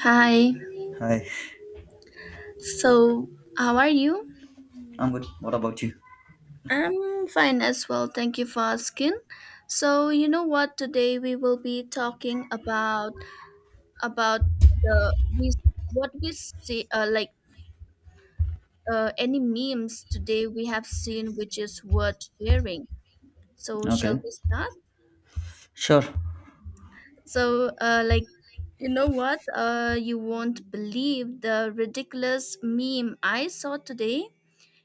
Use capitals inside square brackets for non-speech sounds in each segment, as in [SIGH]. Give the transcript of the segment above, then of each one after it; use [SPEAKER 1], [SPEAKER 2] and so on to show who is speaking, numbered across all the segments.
[SPEAKER 1] Hi,
[SPEAKER 2] Hi,
[SPEAKER 1] so how are you?
[SPEAKER 2] I'm good. What about you?
[SPEAKER 1] I'm fine as well, thank you for asking. So, you know what, today we will be talking about the we what we see any memes today we have seen which is worth sharing. So, shall
[SPEAKER 2] Okay,
[SPEAKER 1] we start?
[SPEAKER 2] sure.
[SPEAKER 1] So, uh, like you know what? You won't believe the ridiculous meme I saw today.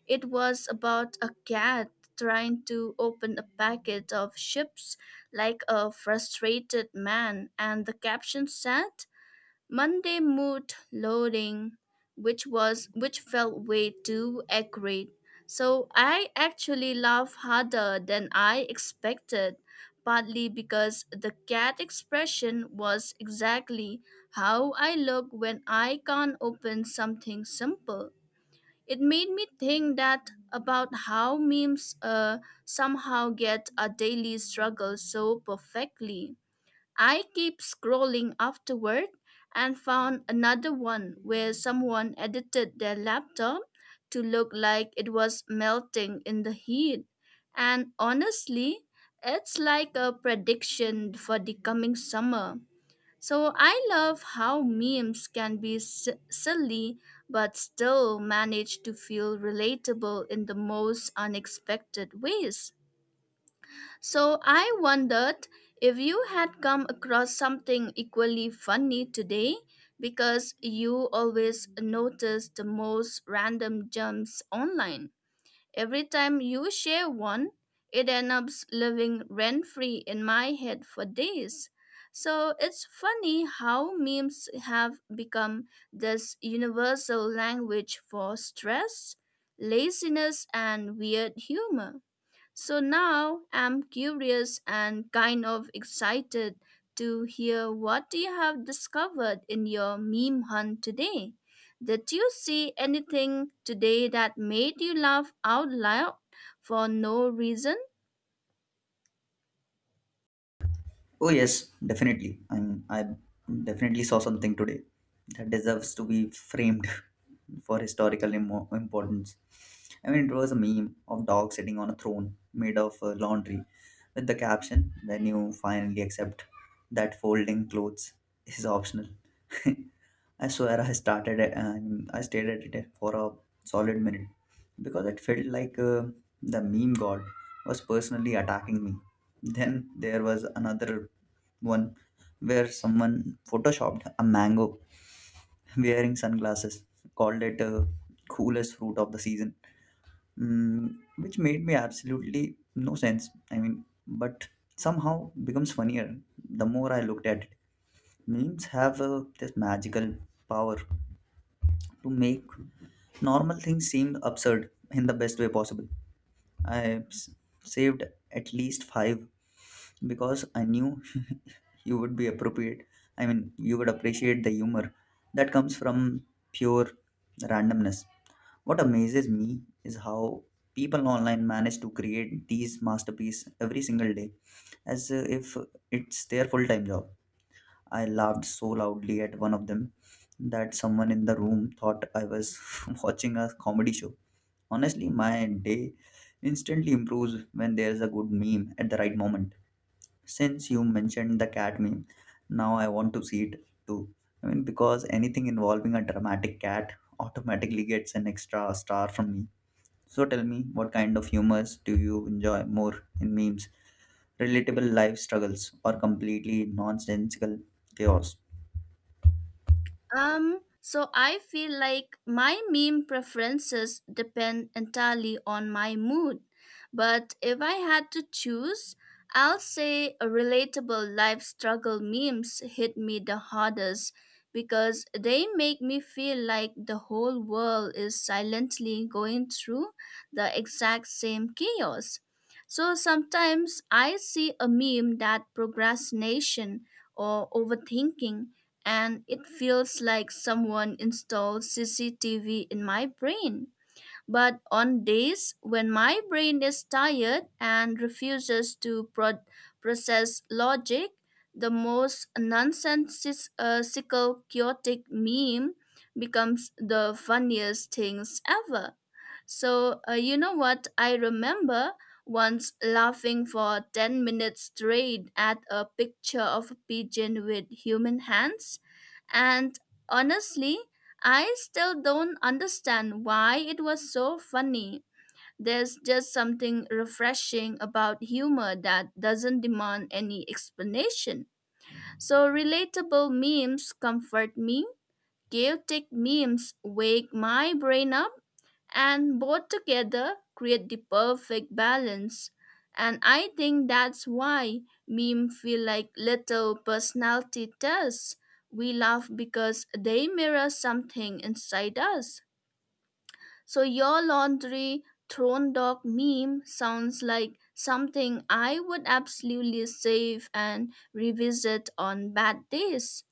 [SPEAKER 1] It was about a cat trying to open a packet of chips like a frustrated man, and the caption said, Monday mood loading, which felt way too accurate. So I actually laughed harder than I expected, partly because the cat expression was exactly how I look when I can't open something simple. It made me think that about how memes somehow get a daily struggle so perfectly. I keep scrolling afterward and found another one where someone edited their laptop to look like it was melting in the heat. And honestly, it's like a prediction for the coming summer. So I love how memes can be silly but still manage to feel relatable in the most unexpected ways. So I wondered if you had come across something equally funny today because you always notice the most random jumps online. Every time you share one, it ends up living rent free in my head for days. So it's funny how memes have become this universal language for stress, laziness, and weird humor. So now I'm curious and kind of excited to hear what you have discovered in your meme hunt today. Did you see anything today that made you laugh out loud for no reason?
[SPEAKER 2] Oh, yes, definitely. I definitely saw something today that deserves to be framed for historical importance. I mean, it was a meme of dog sitting on a throne made of laundry with the caption, When you finally accept that folding clothes is optional. [LAUGHS] I swear I started it and I stared at it for a solid minute because it felt like the meme god was personally attacking me. Then there was another one where someone photoshopped a mango wearing sunglasses, called it coolest fruit of the season, which made me absolutely no sense. I mean, but somehow becomes funnier the more I looked at it. Memes have this magical power to make normal things seemed absurd in the best way possible. I s- saved at least five because I knew [LAUGHS] you would be appropriate. I mean, you would appreciate the humor that comes from pure randomness. What amazes me is how people online manage to create these masterpieces every single day as if it's their full time job. I laughed so loudly at one of them that someone in the room thought I was [LAUGHS] watching a comedy show. Honestly, my day instantly improves when there's a good meme at the right moment. Since you mentioned the cat meme, now I want to see it too. I mean, because anything involving a dramatic cat automatically gets an extra star from me. So tell me, what kind of humors do you enjoy more in memes? Relatable life struggles or completely nonsensical chaos?
[SPEAKER 1] So I feel like my meme preferences depend entirely on my mood. But if I had to choose, I'll say a relatable life struggle memes hit me the hardest because they make me feel like the whole world is silently going through the exact same chaos. So sometimes I see a meme that procrastination or overthinking and it feels like someone installed CCTV in my brain. But on days when my brain is tired and refuses to process logic, the most nonsensical, chaotic meme becomes the funniest things ever. You know what? I remember once laughing for 10 minutes straight at a picture of a pigeon with human hands and honestly, I still don't understand why it was so funny. There's just something refreshing about humor that doesn't demand any explanation. So, relatable memes comfort me, chaotic memes wake my brain up, and both together create the perfect balance. And I think that's why meme feel like little personality tests. We laugh because they mirror something inside us. So your laundry thrown dog meme sounds like something I would absolutely save and revisit on bad days.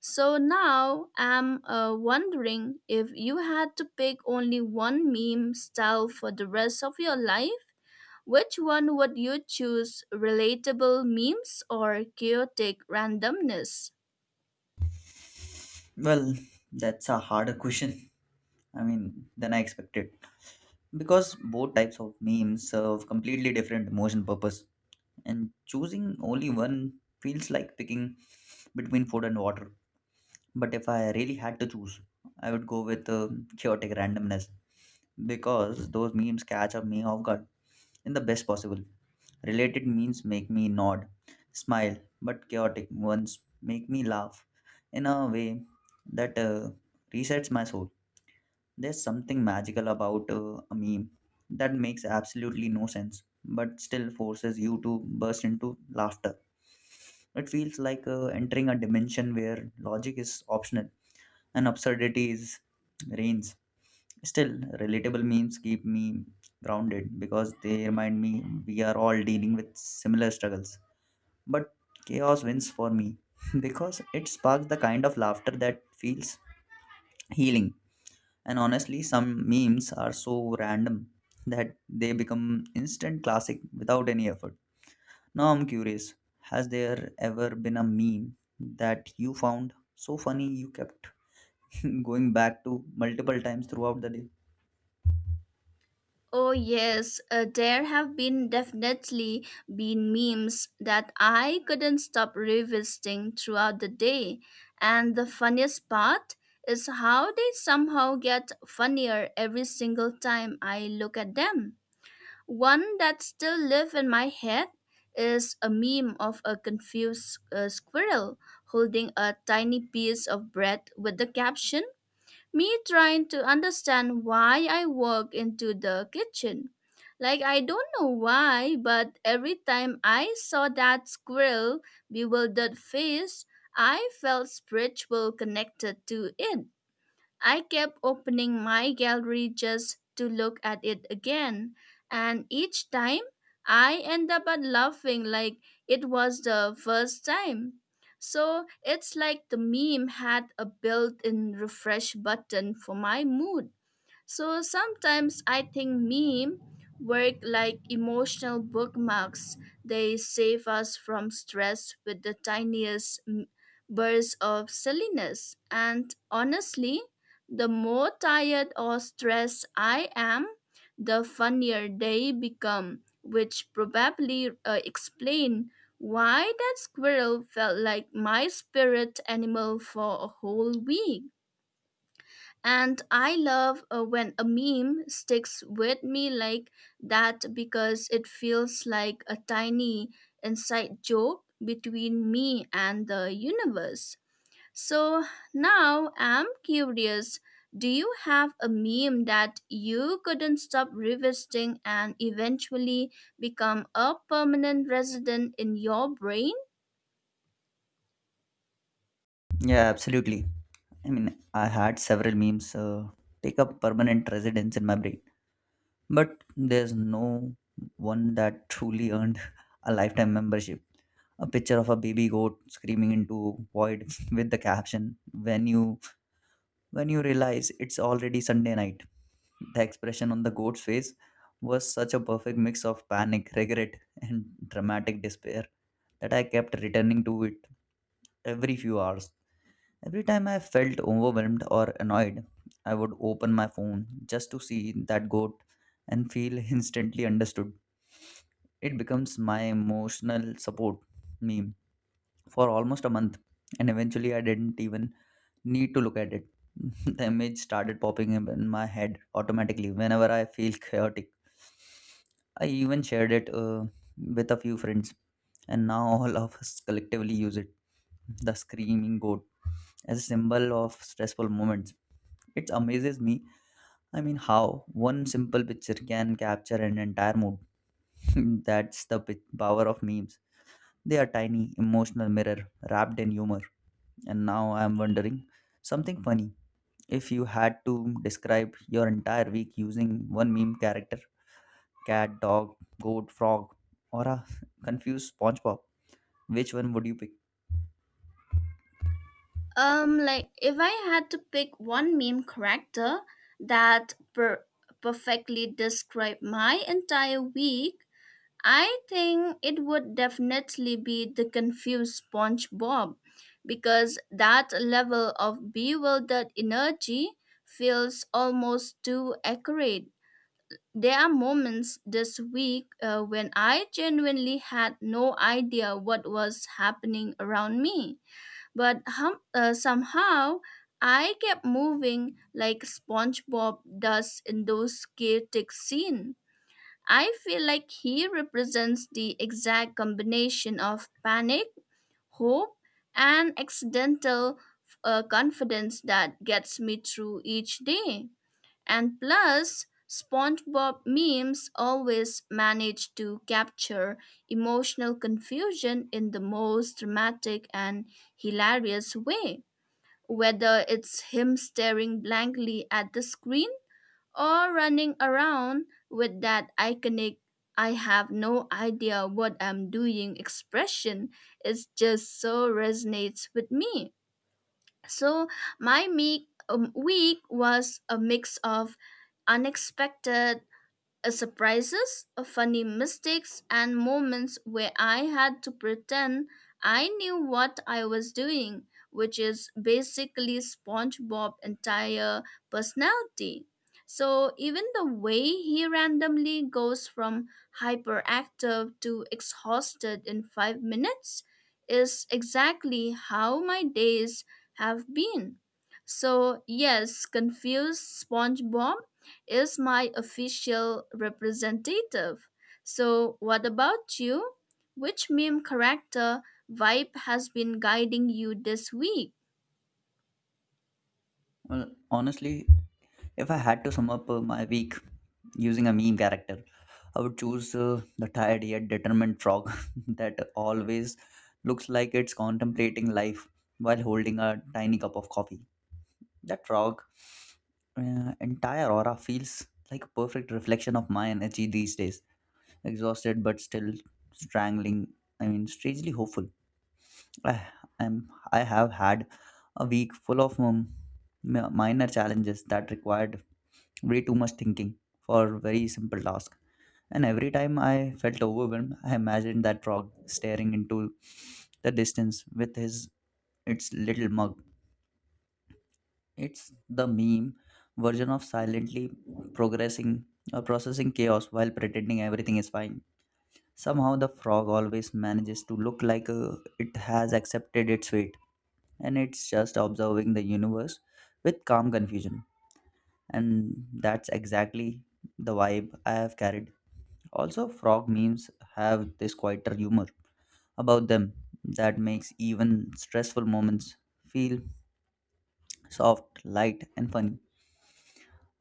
[SPEAKER 1] So now I'm wondering if you had to pick only one meme style for the rest of your life, which one would you choose? Relatable memes or chaotic randomness?
[SPEAKER 2] Well, that's a harder question. I mean, than I expected because both types of memes serve completely different emotion purpose and choosing only one feels like picking between food and water. But if I really had to choose, I would go with chaotic randomness because those memes catch up me off guard in the best possible. Related memes make me nod, smile, but chaotic ones make me laugh in a way that resets my soul. There's something magical about a meme that makes absolutely no sense, but still forces you to burst into laughter. It feels like entering a dimension where logic is optional and absurdity is reigns. Still, relatable memes keep me grounded because they remind me we are all dealing with similar struggles. But chaos wins for me [LAUGHS] because it sparks the kind of laughter that feels healing, and honestly, some memes are so random that they become instant classic without any effort. Now I'm curious, has there ever been a meme that you found so funny you kept [LAUGHS] going back to multiple times throughout the day?
[SPEAKER 1] Oh yes, there have been definitely been memes that I couldn't stop revisiting throughout the day, and the funniest part is how they somehow get funnier every single time I look at them. One that still lives in my head is a meme of a confused squirrel holding a tiny piece of bread with the caption, "Me trying to understand why I walk into the kitchen." Like I don't know why, but every time I saw that squirrel bewildered face, I felt spiritual connected to it. I kept opening my gallery just to look at it again, and each time I end up at laughing like it was the first time. So it's like the meme had a built in refresh button for my mood. So sometimes I think meme work like emotional bookmarks. They save us from stress with the tiniest bursts of silliness. And honestly, the more tired or stressed I am, the funnier they become, which probably explain why that squirrel felt like my spirit animal for a whole week. And I love when a meme sticks with me like that because it feels like a tiny inside joke between me and the universe. So now I'm curious, do you have a meme that you couldn't stop revisiting and eventually become a permanent resident in your brain?
[SPEAKER 2] Yeah, absolutely. I mean, I had several memes take up permanent residence in my brain. But there's no one that truly earned [LAUGHS] a lifetime membership. A picture of a baby goat screaming into void [LAUGHS] with the caption, When you realize it's already Sunday night. The expression on the goat's face was such a perfect mix of panic, regret, and dramatic despair that I kept returning to it every few hours. Every time I felt overwhelmed or annoyed, I would open my phone just to see that goat and feel [LAUGHS] instantly understood. It becomes my emotional support meme for almost a month, and eventually I didn't even need to look at it. [LAUGHS] The image started popping up in my head automatically whenever I feel chaotic. I even shared it with a few friends, and now all of us collectively use it, the screaming goat, as a symbol of stressful moments. It amazes me. I mean, how one simple picture can capture an entire mood. [LAUGHS] That's the power of memes. They are tiny, emotional mirror wrapped in humor. And now I am wondering something funny. If you had to describe your entire week using one meme character, cat, dog, goat, frog, or a [LAUGHS] confused SpongeBob, which one would you pick?
[SPEAKER 1] If I had to pick one meme character that perfectly described my entire week, I think it would definitely be the confused SpongeBob because that level of bewildered energy feels almost too accurate. There are moments this week when I genuinely had no idea what was happening around me but somehow I kept moving like SpongeBob does in those chaotic scenes. I feel like he represents the exact combination of panic, hope, and accidental confidence that gets me through each day. And plus, SpongeBob memes always manage to capture emotional confusion in the most dramatic and hilarious way whether it's him staring blankly at the screen or running around with that iconic I have no idea what I'm doing expression it just so resonates with me. So my week was a mix of unexpected surprises, funny mistakes, and moments where I had to pretend I knew what I was doing, which is basically SpongeBob's entire personality. So, even the way he randomly goes from hyperactive to exhausted in 5 minutes is exactly how my days have been. So, yes, confused SpongeBob is my official representative. So, what about you? Which meme character vibe has been guiding you this week?
[SPEAKER 2] Well, honestly, if I had to sum up my week using a meme character, I would choose the tired yet determined frog [LAUGHS] that always looks like it's contemplating life while holding a tiny cup of coffee. That frog, entire aura feels like a perfect reflection of my energy these days. Exhausted but still strangling. I mean, strangely hopeful. I am. I have had a week full of minor challenges that required way too much thinking for very simple tasks. And every time I felt overwhelmed, I imagined that frog staring into the distance with his its little mug. It's the meme version of silently progressing or processing chaos while pretending everything is fine. Somehow the frog always manages to look like it has accepted its fate and it's just observing the universe with calm confusion. And that's exactly the vibe I have carried. Also, frog memes have this quieter humor about them that makes even stressful moments feel soft, light, and funny.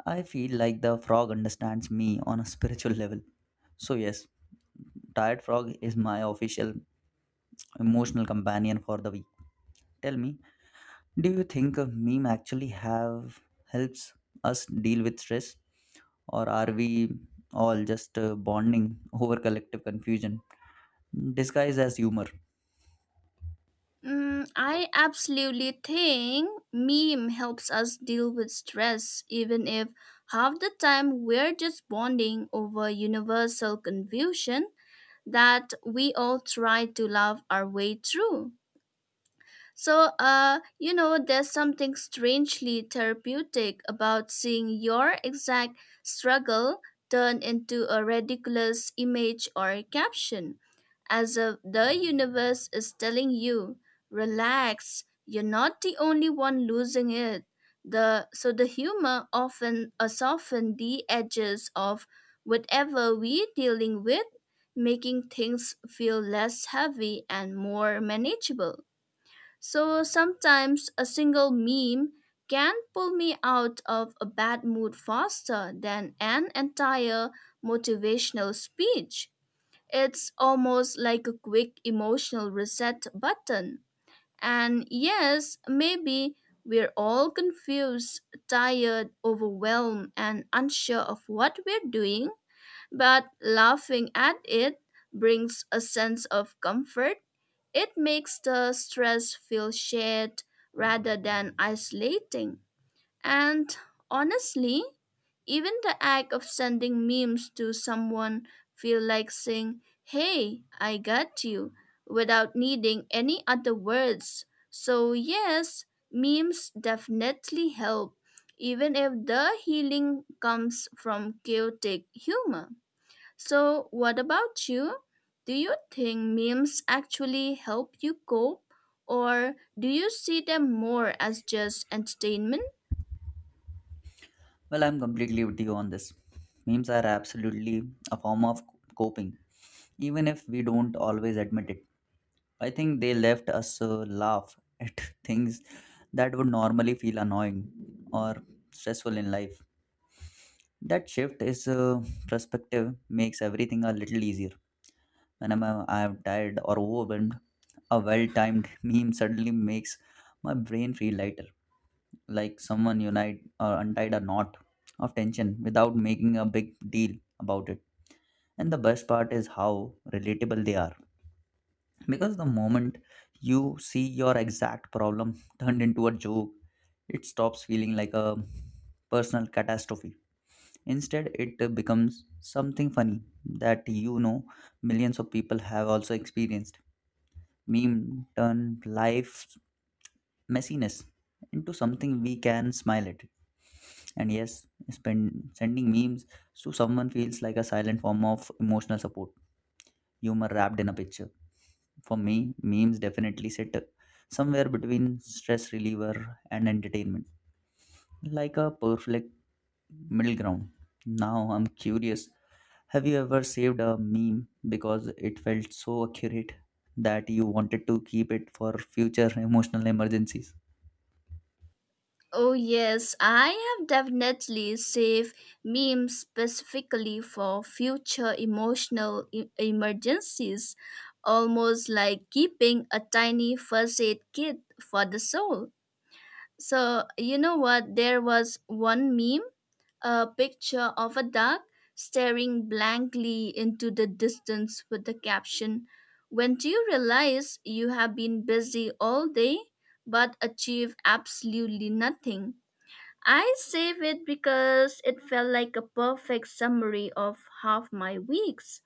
[SPEAKER 2] I feel like the frog understands me on a spiritual level. So, yes, Tired Frog is my official emotional companion for the week. Tell me, do you think a meme actually have helps us deal with stress, or are we all just bonding over collective confusion disguised as humor?
[SPEAKER 1] Mm, I absolutely think meme helps us deal with stress, even if half the time we're just bonding over universal confusion that we all try to laugh our way through. There's something strangely therapeutic about seeing your exact struggle turn into a ridiculous image or caption, as if the universe is telling you, relax, you're not the only one losing it. So the humor often soften the edges of whatever we're dealing with, making things feel less heavy and more manageable. So sometimes a single meme can pull me out of a bad mood faster than an entire motivational speech. It's almost like a quick emotional reset button. And yes, maybe we're all confused, tired, overwhelmed, and unsure of what we're doing, but laughing at it brings a sense of comfort, it makes the stress feel shared rather than isolating. And honestly, even the act of sending memes to someone feel like saying, "Hey, I got you," without needing any other words. So yes, memes definitely help, even if the healing comes from chaotic humor. So, what about you? Do you think memes actually help you cope, or do you see them more as just entertainment?
[SPEAKER 2] Well, I'm completely with you on this. Memes are absolutely a form of coping, even if we don't always admit it. I think they left us laugh at [LAUGHS] things that would normally feel annoying or stressful in life. That shift is perspective makes everything a little easier. Whenever I am tired or overwhelmed, a well-timed [LAUGHS] meme suddenly makes my brain feel lighter, like someone unite or untied a knot of tension without making a big deal about it. And the best part is how relatable they are, because the moment you see your exact problem [LAUGHS] turned into a joke, it stops feeling like a personal catastrophe. Instead, it becomes something funny that you know millions of people have also experienced. Meme turn life's messiness into something we can smile at. And yes, sending memes to someone feels like a silent form of emotional support, humor wrapped in a picture. For me memes definitely sit somewhere between stress reliever and entertainment, like a perfect middle ground. Now I'm curious, have you ever saved a meme because it felt so accurate that you wanted to keep it for future [LAUGHS] emotional emergencies?
[SPEAKER 1] Oh, yes, I have definitely saved memes specifically for future emotional emergencies, almost like keeping a tiny first aid kit for the soul. So, you know what? There was one meme, a picture of a duck staring blankly into the distance with the caption, When do you realize you have been busy all day but achieve absolutely nothing? I save it because it felt like a perfect summary of half my weeks.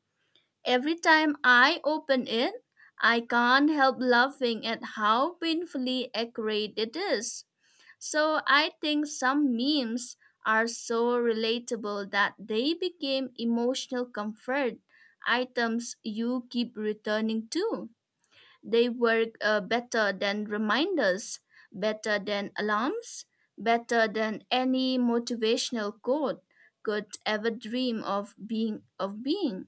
[SPEAKER 1] Every time I open it, I can't help laughing at how painfully accurate it is. So I think some memes are so relatable that they became emotional comfort items you keep returning to. They work better than reminders, better than alarms, better than any motivational quote could ever dream of being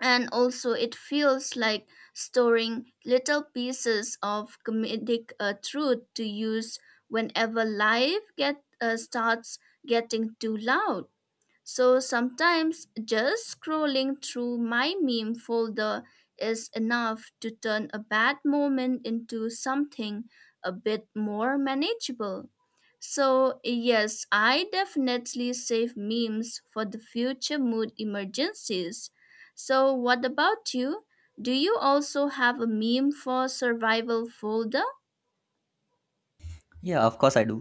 [SPEAKER 1] and also it feels like storing little pieces of comedic truth to use whenever life get starts getting too loud. So sometimes just scrolling through my meme folder is enough to turn a bad moment into something a bit more manageable. So, yes, I definitely save memes for the future mood emergencies. So, what about you? Do you also have a meme for survival folder?
[SPEAKER 2] Yeah, of course I do.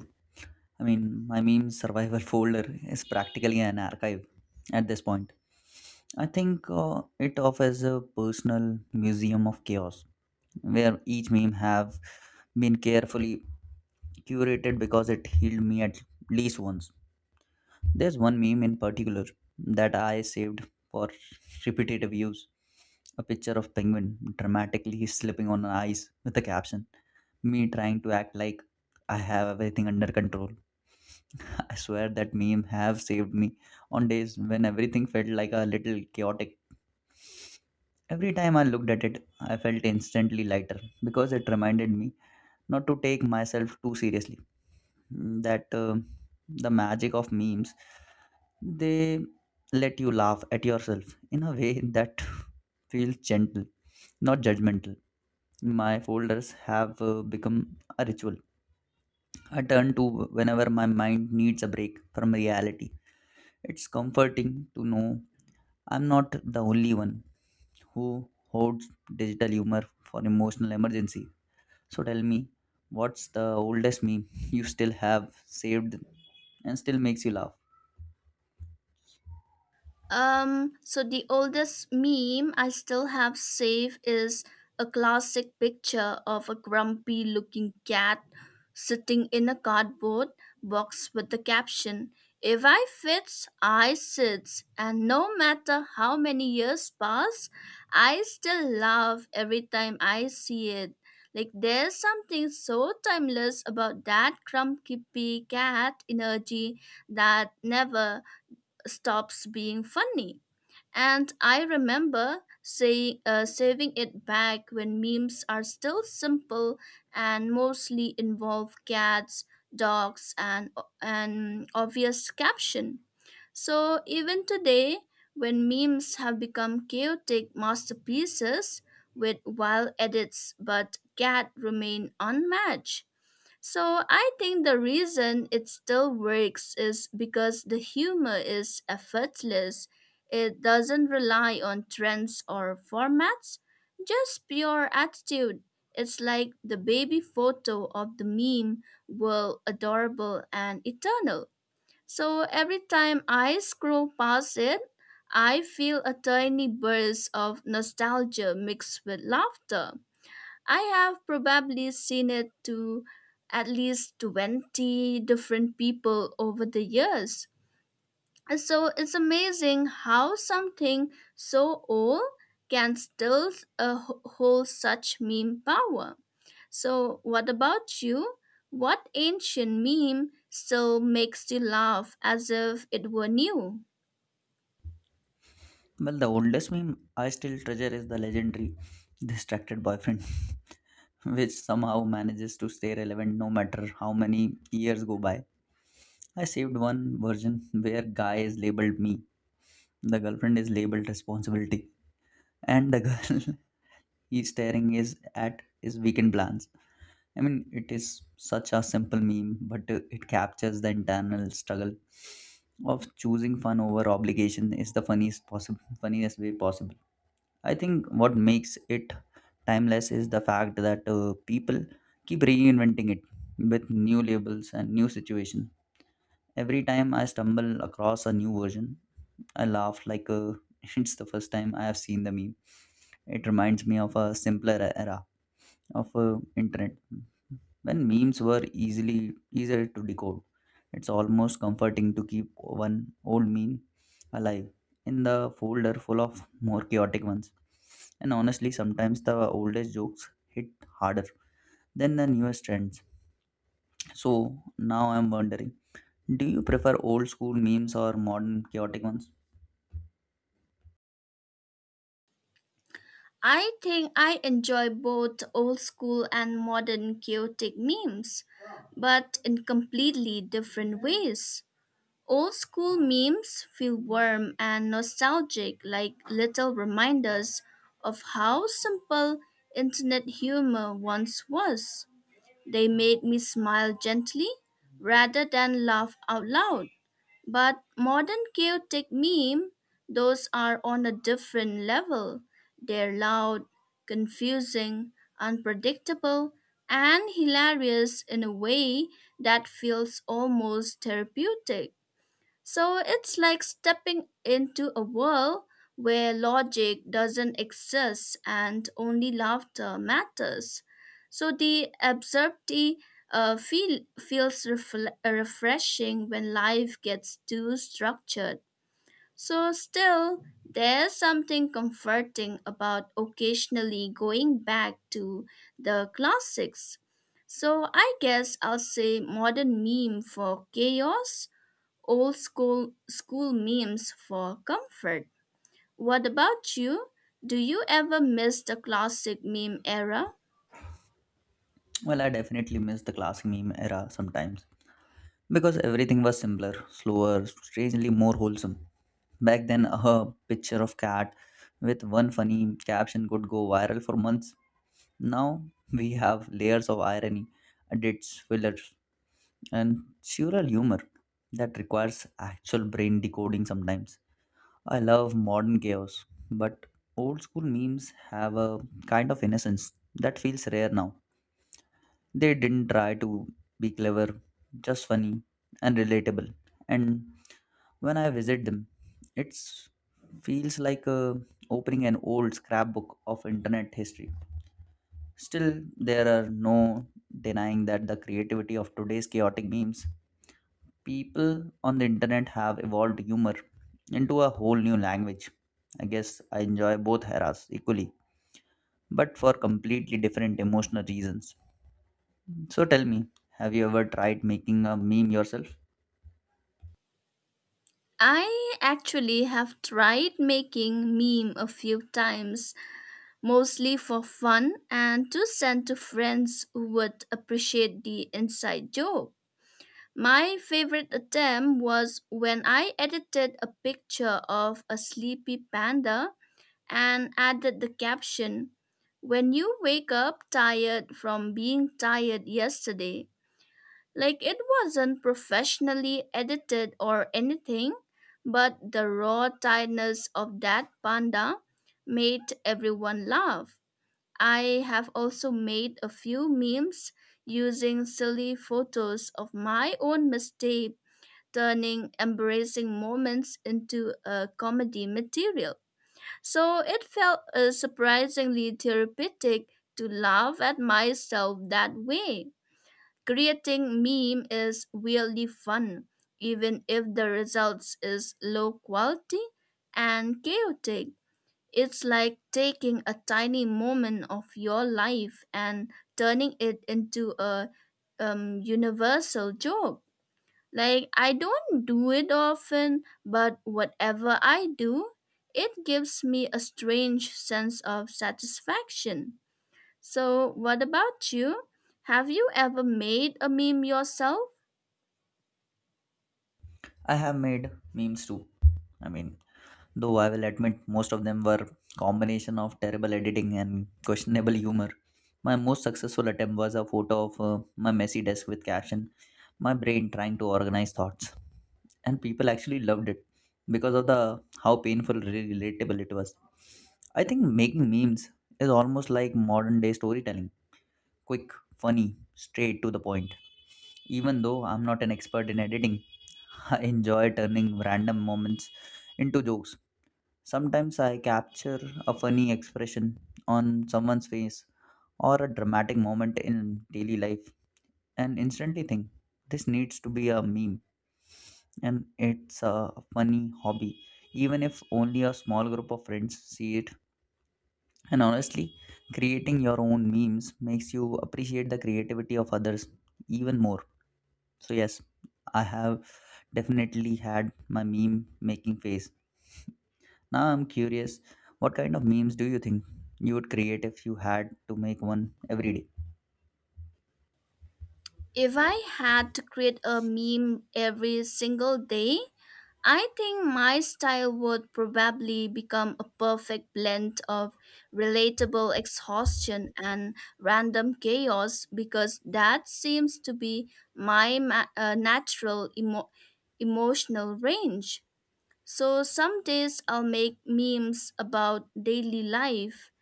[SPEAKER 2] I mean, my meme survival folder is practically an archive at this point. I think it offers a personal museum of chaos where each meme have been carefully curated because it healed me at least once. There's one meme in particular that I saved for repetitive use. A picture of penguin dramatically slipping on ice with the caption, me trying to act like I have everything under control. I swear that meme have saved me on days when everything felt like a little chaotic. Every time I looked at it, I felt instantly lighter because it reminded me not to take myself too seriously. That the magic of memes, they let you laugh at yourself in a way that [LAUGHS] feels gentle, not judgmental. My folders have become a ritual. I turn to whenever my mind needs a break from reality. It's comforting to know I'm not the only one who hoards digital humor for emotional emergency. So tell me, what's the oldest meme you still have saved and still makes you laugh?
[SPEAKER 1] So the oldest meme I still have saved is a classic picture of a grumpy looking cat sitting in a cardboard box with the caption, If I fits, I sits. And no matter how many years pass, I still laugh every time I see it. Like there's something so timeless about that grumpy cat energy that never stops being funny. And I remember saving it back when memes are still simple and mostly involve cats, dogs, and an obvious caption. So even today, when memes have become chaotic masterpieces with wild edits, but cat remain unmatched. So I think the reason it still works is because the humor is effortless. It doesn't rely on trends or formats, just pure attitude. It's like the baby photo of the meme world adorable and eternal. So every time I scroll past it, I feel a tiny burst of nostalgia mixed with laughter. I have probably seen it to at least 20 different people over the years. And so it's amazing how something so old can still hold such meme power. So, what about you? What ancient meme still makes you laugh as if it were new?
[SPEAKER 2] Well, the oldest meme I still treasure is the legendary distracted boyfriend, [LAUGHS] which somehow manages to stay relevant no matter how many years go by. I saved one version where guy is labeled me, the girlfriend is labeled responsibility, and the [LAUGHS] girl he's staring is at his weekend plans. I mean, it is such a simple meme, but it captures the internal struggle of choosing fun over obligation is the funniest way possible. I think what makes it timeless is the fact that people keep reinventing it with new labels and new situation. Every time I stumble across a new version, I laugh like [LAUGHS] it's the first time I have seen the meme. It reminds me of a simpler era of internet when memes were easily easier to decode. It's almost comforting to keep one old meme alive in the folder full of more chaotic ones. And honestly, sometimes the oldest jokes hit harder than the newest trends. So now I'm wondering, do you prefer old school memes or modern chaotic ones?
[SPEAKER 1] I think I enjoy both old school and modern chaotic memes, but in completely different ways. Old school memes feel warm and nostalgic, like little reminders of how simple internet humor once was. They made me smile gently rather than laugh out loud. But modern chaotic meme, those are on a different level. They're loud, confusing, unpredictable, and hilarious in a way that feels almost therapeutic. So it's like stepping into a world where logic doesn't exist and only laughter matters. So the absurdity feels refreshing when life gets too structured. So, still, there's something comforting about occasionally going back to the classics. So, I guess I'll say modern meme for chaos, old school memes for comfort. What about you? Do you ever miss the classic meme era?
[SPEAKER 2] Well, I definitely miss the classic meme era sometimes because everything was simpler, slower, strangely more wholesome. Back then, a picture of cat with one funny caption could go viral for months. Now we have layers of irony, edits, fillers, and surreal humor that requires actual brain decoding sometimes. I love modern chaos, but old school memes have a kind of innocence that feels rare now. They didn't try to be clever, just funny and relatable. And when I visit them, it feels like opening an old scrapbook of internet history. Still, there are no denying that the creativity of today's chaotic memes, people on the internet have evolved humor into a whole new language. I guess I enjoy both eras equally, but for completely different emotional reasons. So tell me, have you ever tried making a meme yourself?
[SPEAKER 1] I actually have tried making meme a few times, mostly for fun and to send to friends who would appreciate the inside joke. My favorite attempt was when I edited a picture of a sleepy panda and added the caption, When you wake up tired from being tired yesterday. Like it wasn't professionally edited or anything, but the raw tiredness of that panda made everyone laugh. I have also made a few memes using silly photos of my own mistake, turning embarrassing moments into a comedy material. So it felt surprisingly therapeutic to laugh at myself that way. Creating meme is really fun, even if the results is low quality and chaotic. It's like taking a tiny moment of your life and turning it into a universal joke. Like, I don't do it often, but whatever I do, it gives me a strange sense of satisfaction. So, what about you? Have you ever made a meme yourself?
[SPEAKER 2] I have made memes too. I mean, though I will admit most of them were combination of terrible editing and questionable humor. My most successful attempt was a photo of my messy desk with caption, "My brain trying to organize thoughts," and people actually loved it because of the how painful relatable it was. I think making memes is almost like modern day storytelling, quick, funny, straight to the point. Even though I'm not an expert in editing, [LAUGHS] I enjoy turning random moments into jokes. Sometimes I capture a funny expression on someone's face or a dramatic moment in daily life and instantly think this needs to be a meme. And it's a funny hobby, even if only a small group of friends see it. And honestly, creating your own memes makes you appreciate the creativity of others even more. So yes, I have definitely had my meme making phase. Now I'm curious, what kind of memes do you think you would create if you had to make one every day?
[SPEAKER 1] If I had to create a meme every single day, I think my style would probably become a perfect blend of relatable exhaustion and random chaos because that seems to be my natural emotional range. So some days I'll make memes about daily life.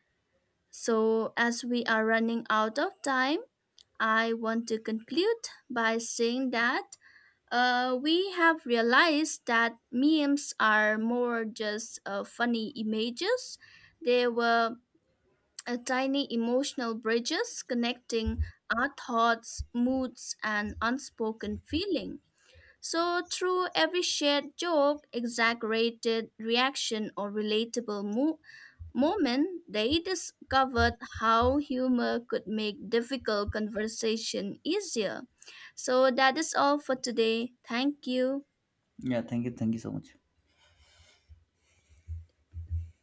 [SPEAKER 1] So as we are running out of time, I want to conclude by saying that we have realized that memes are more just funny images. They were tiny emotional bridges connecting our thoughts, moods, and unspoken feeling. So, through every shared joke, exaggerated reaction, or relatable moment they discovered how humor could make difficult conversation easier. So that is all for today. Thank you.
[SPEAKER 2] Yeah, thank you. Thank you so much.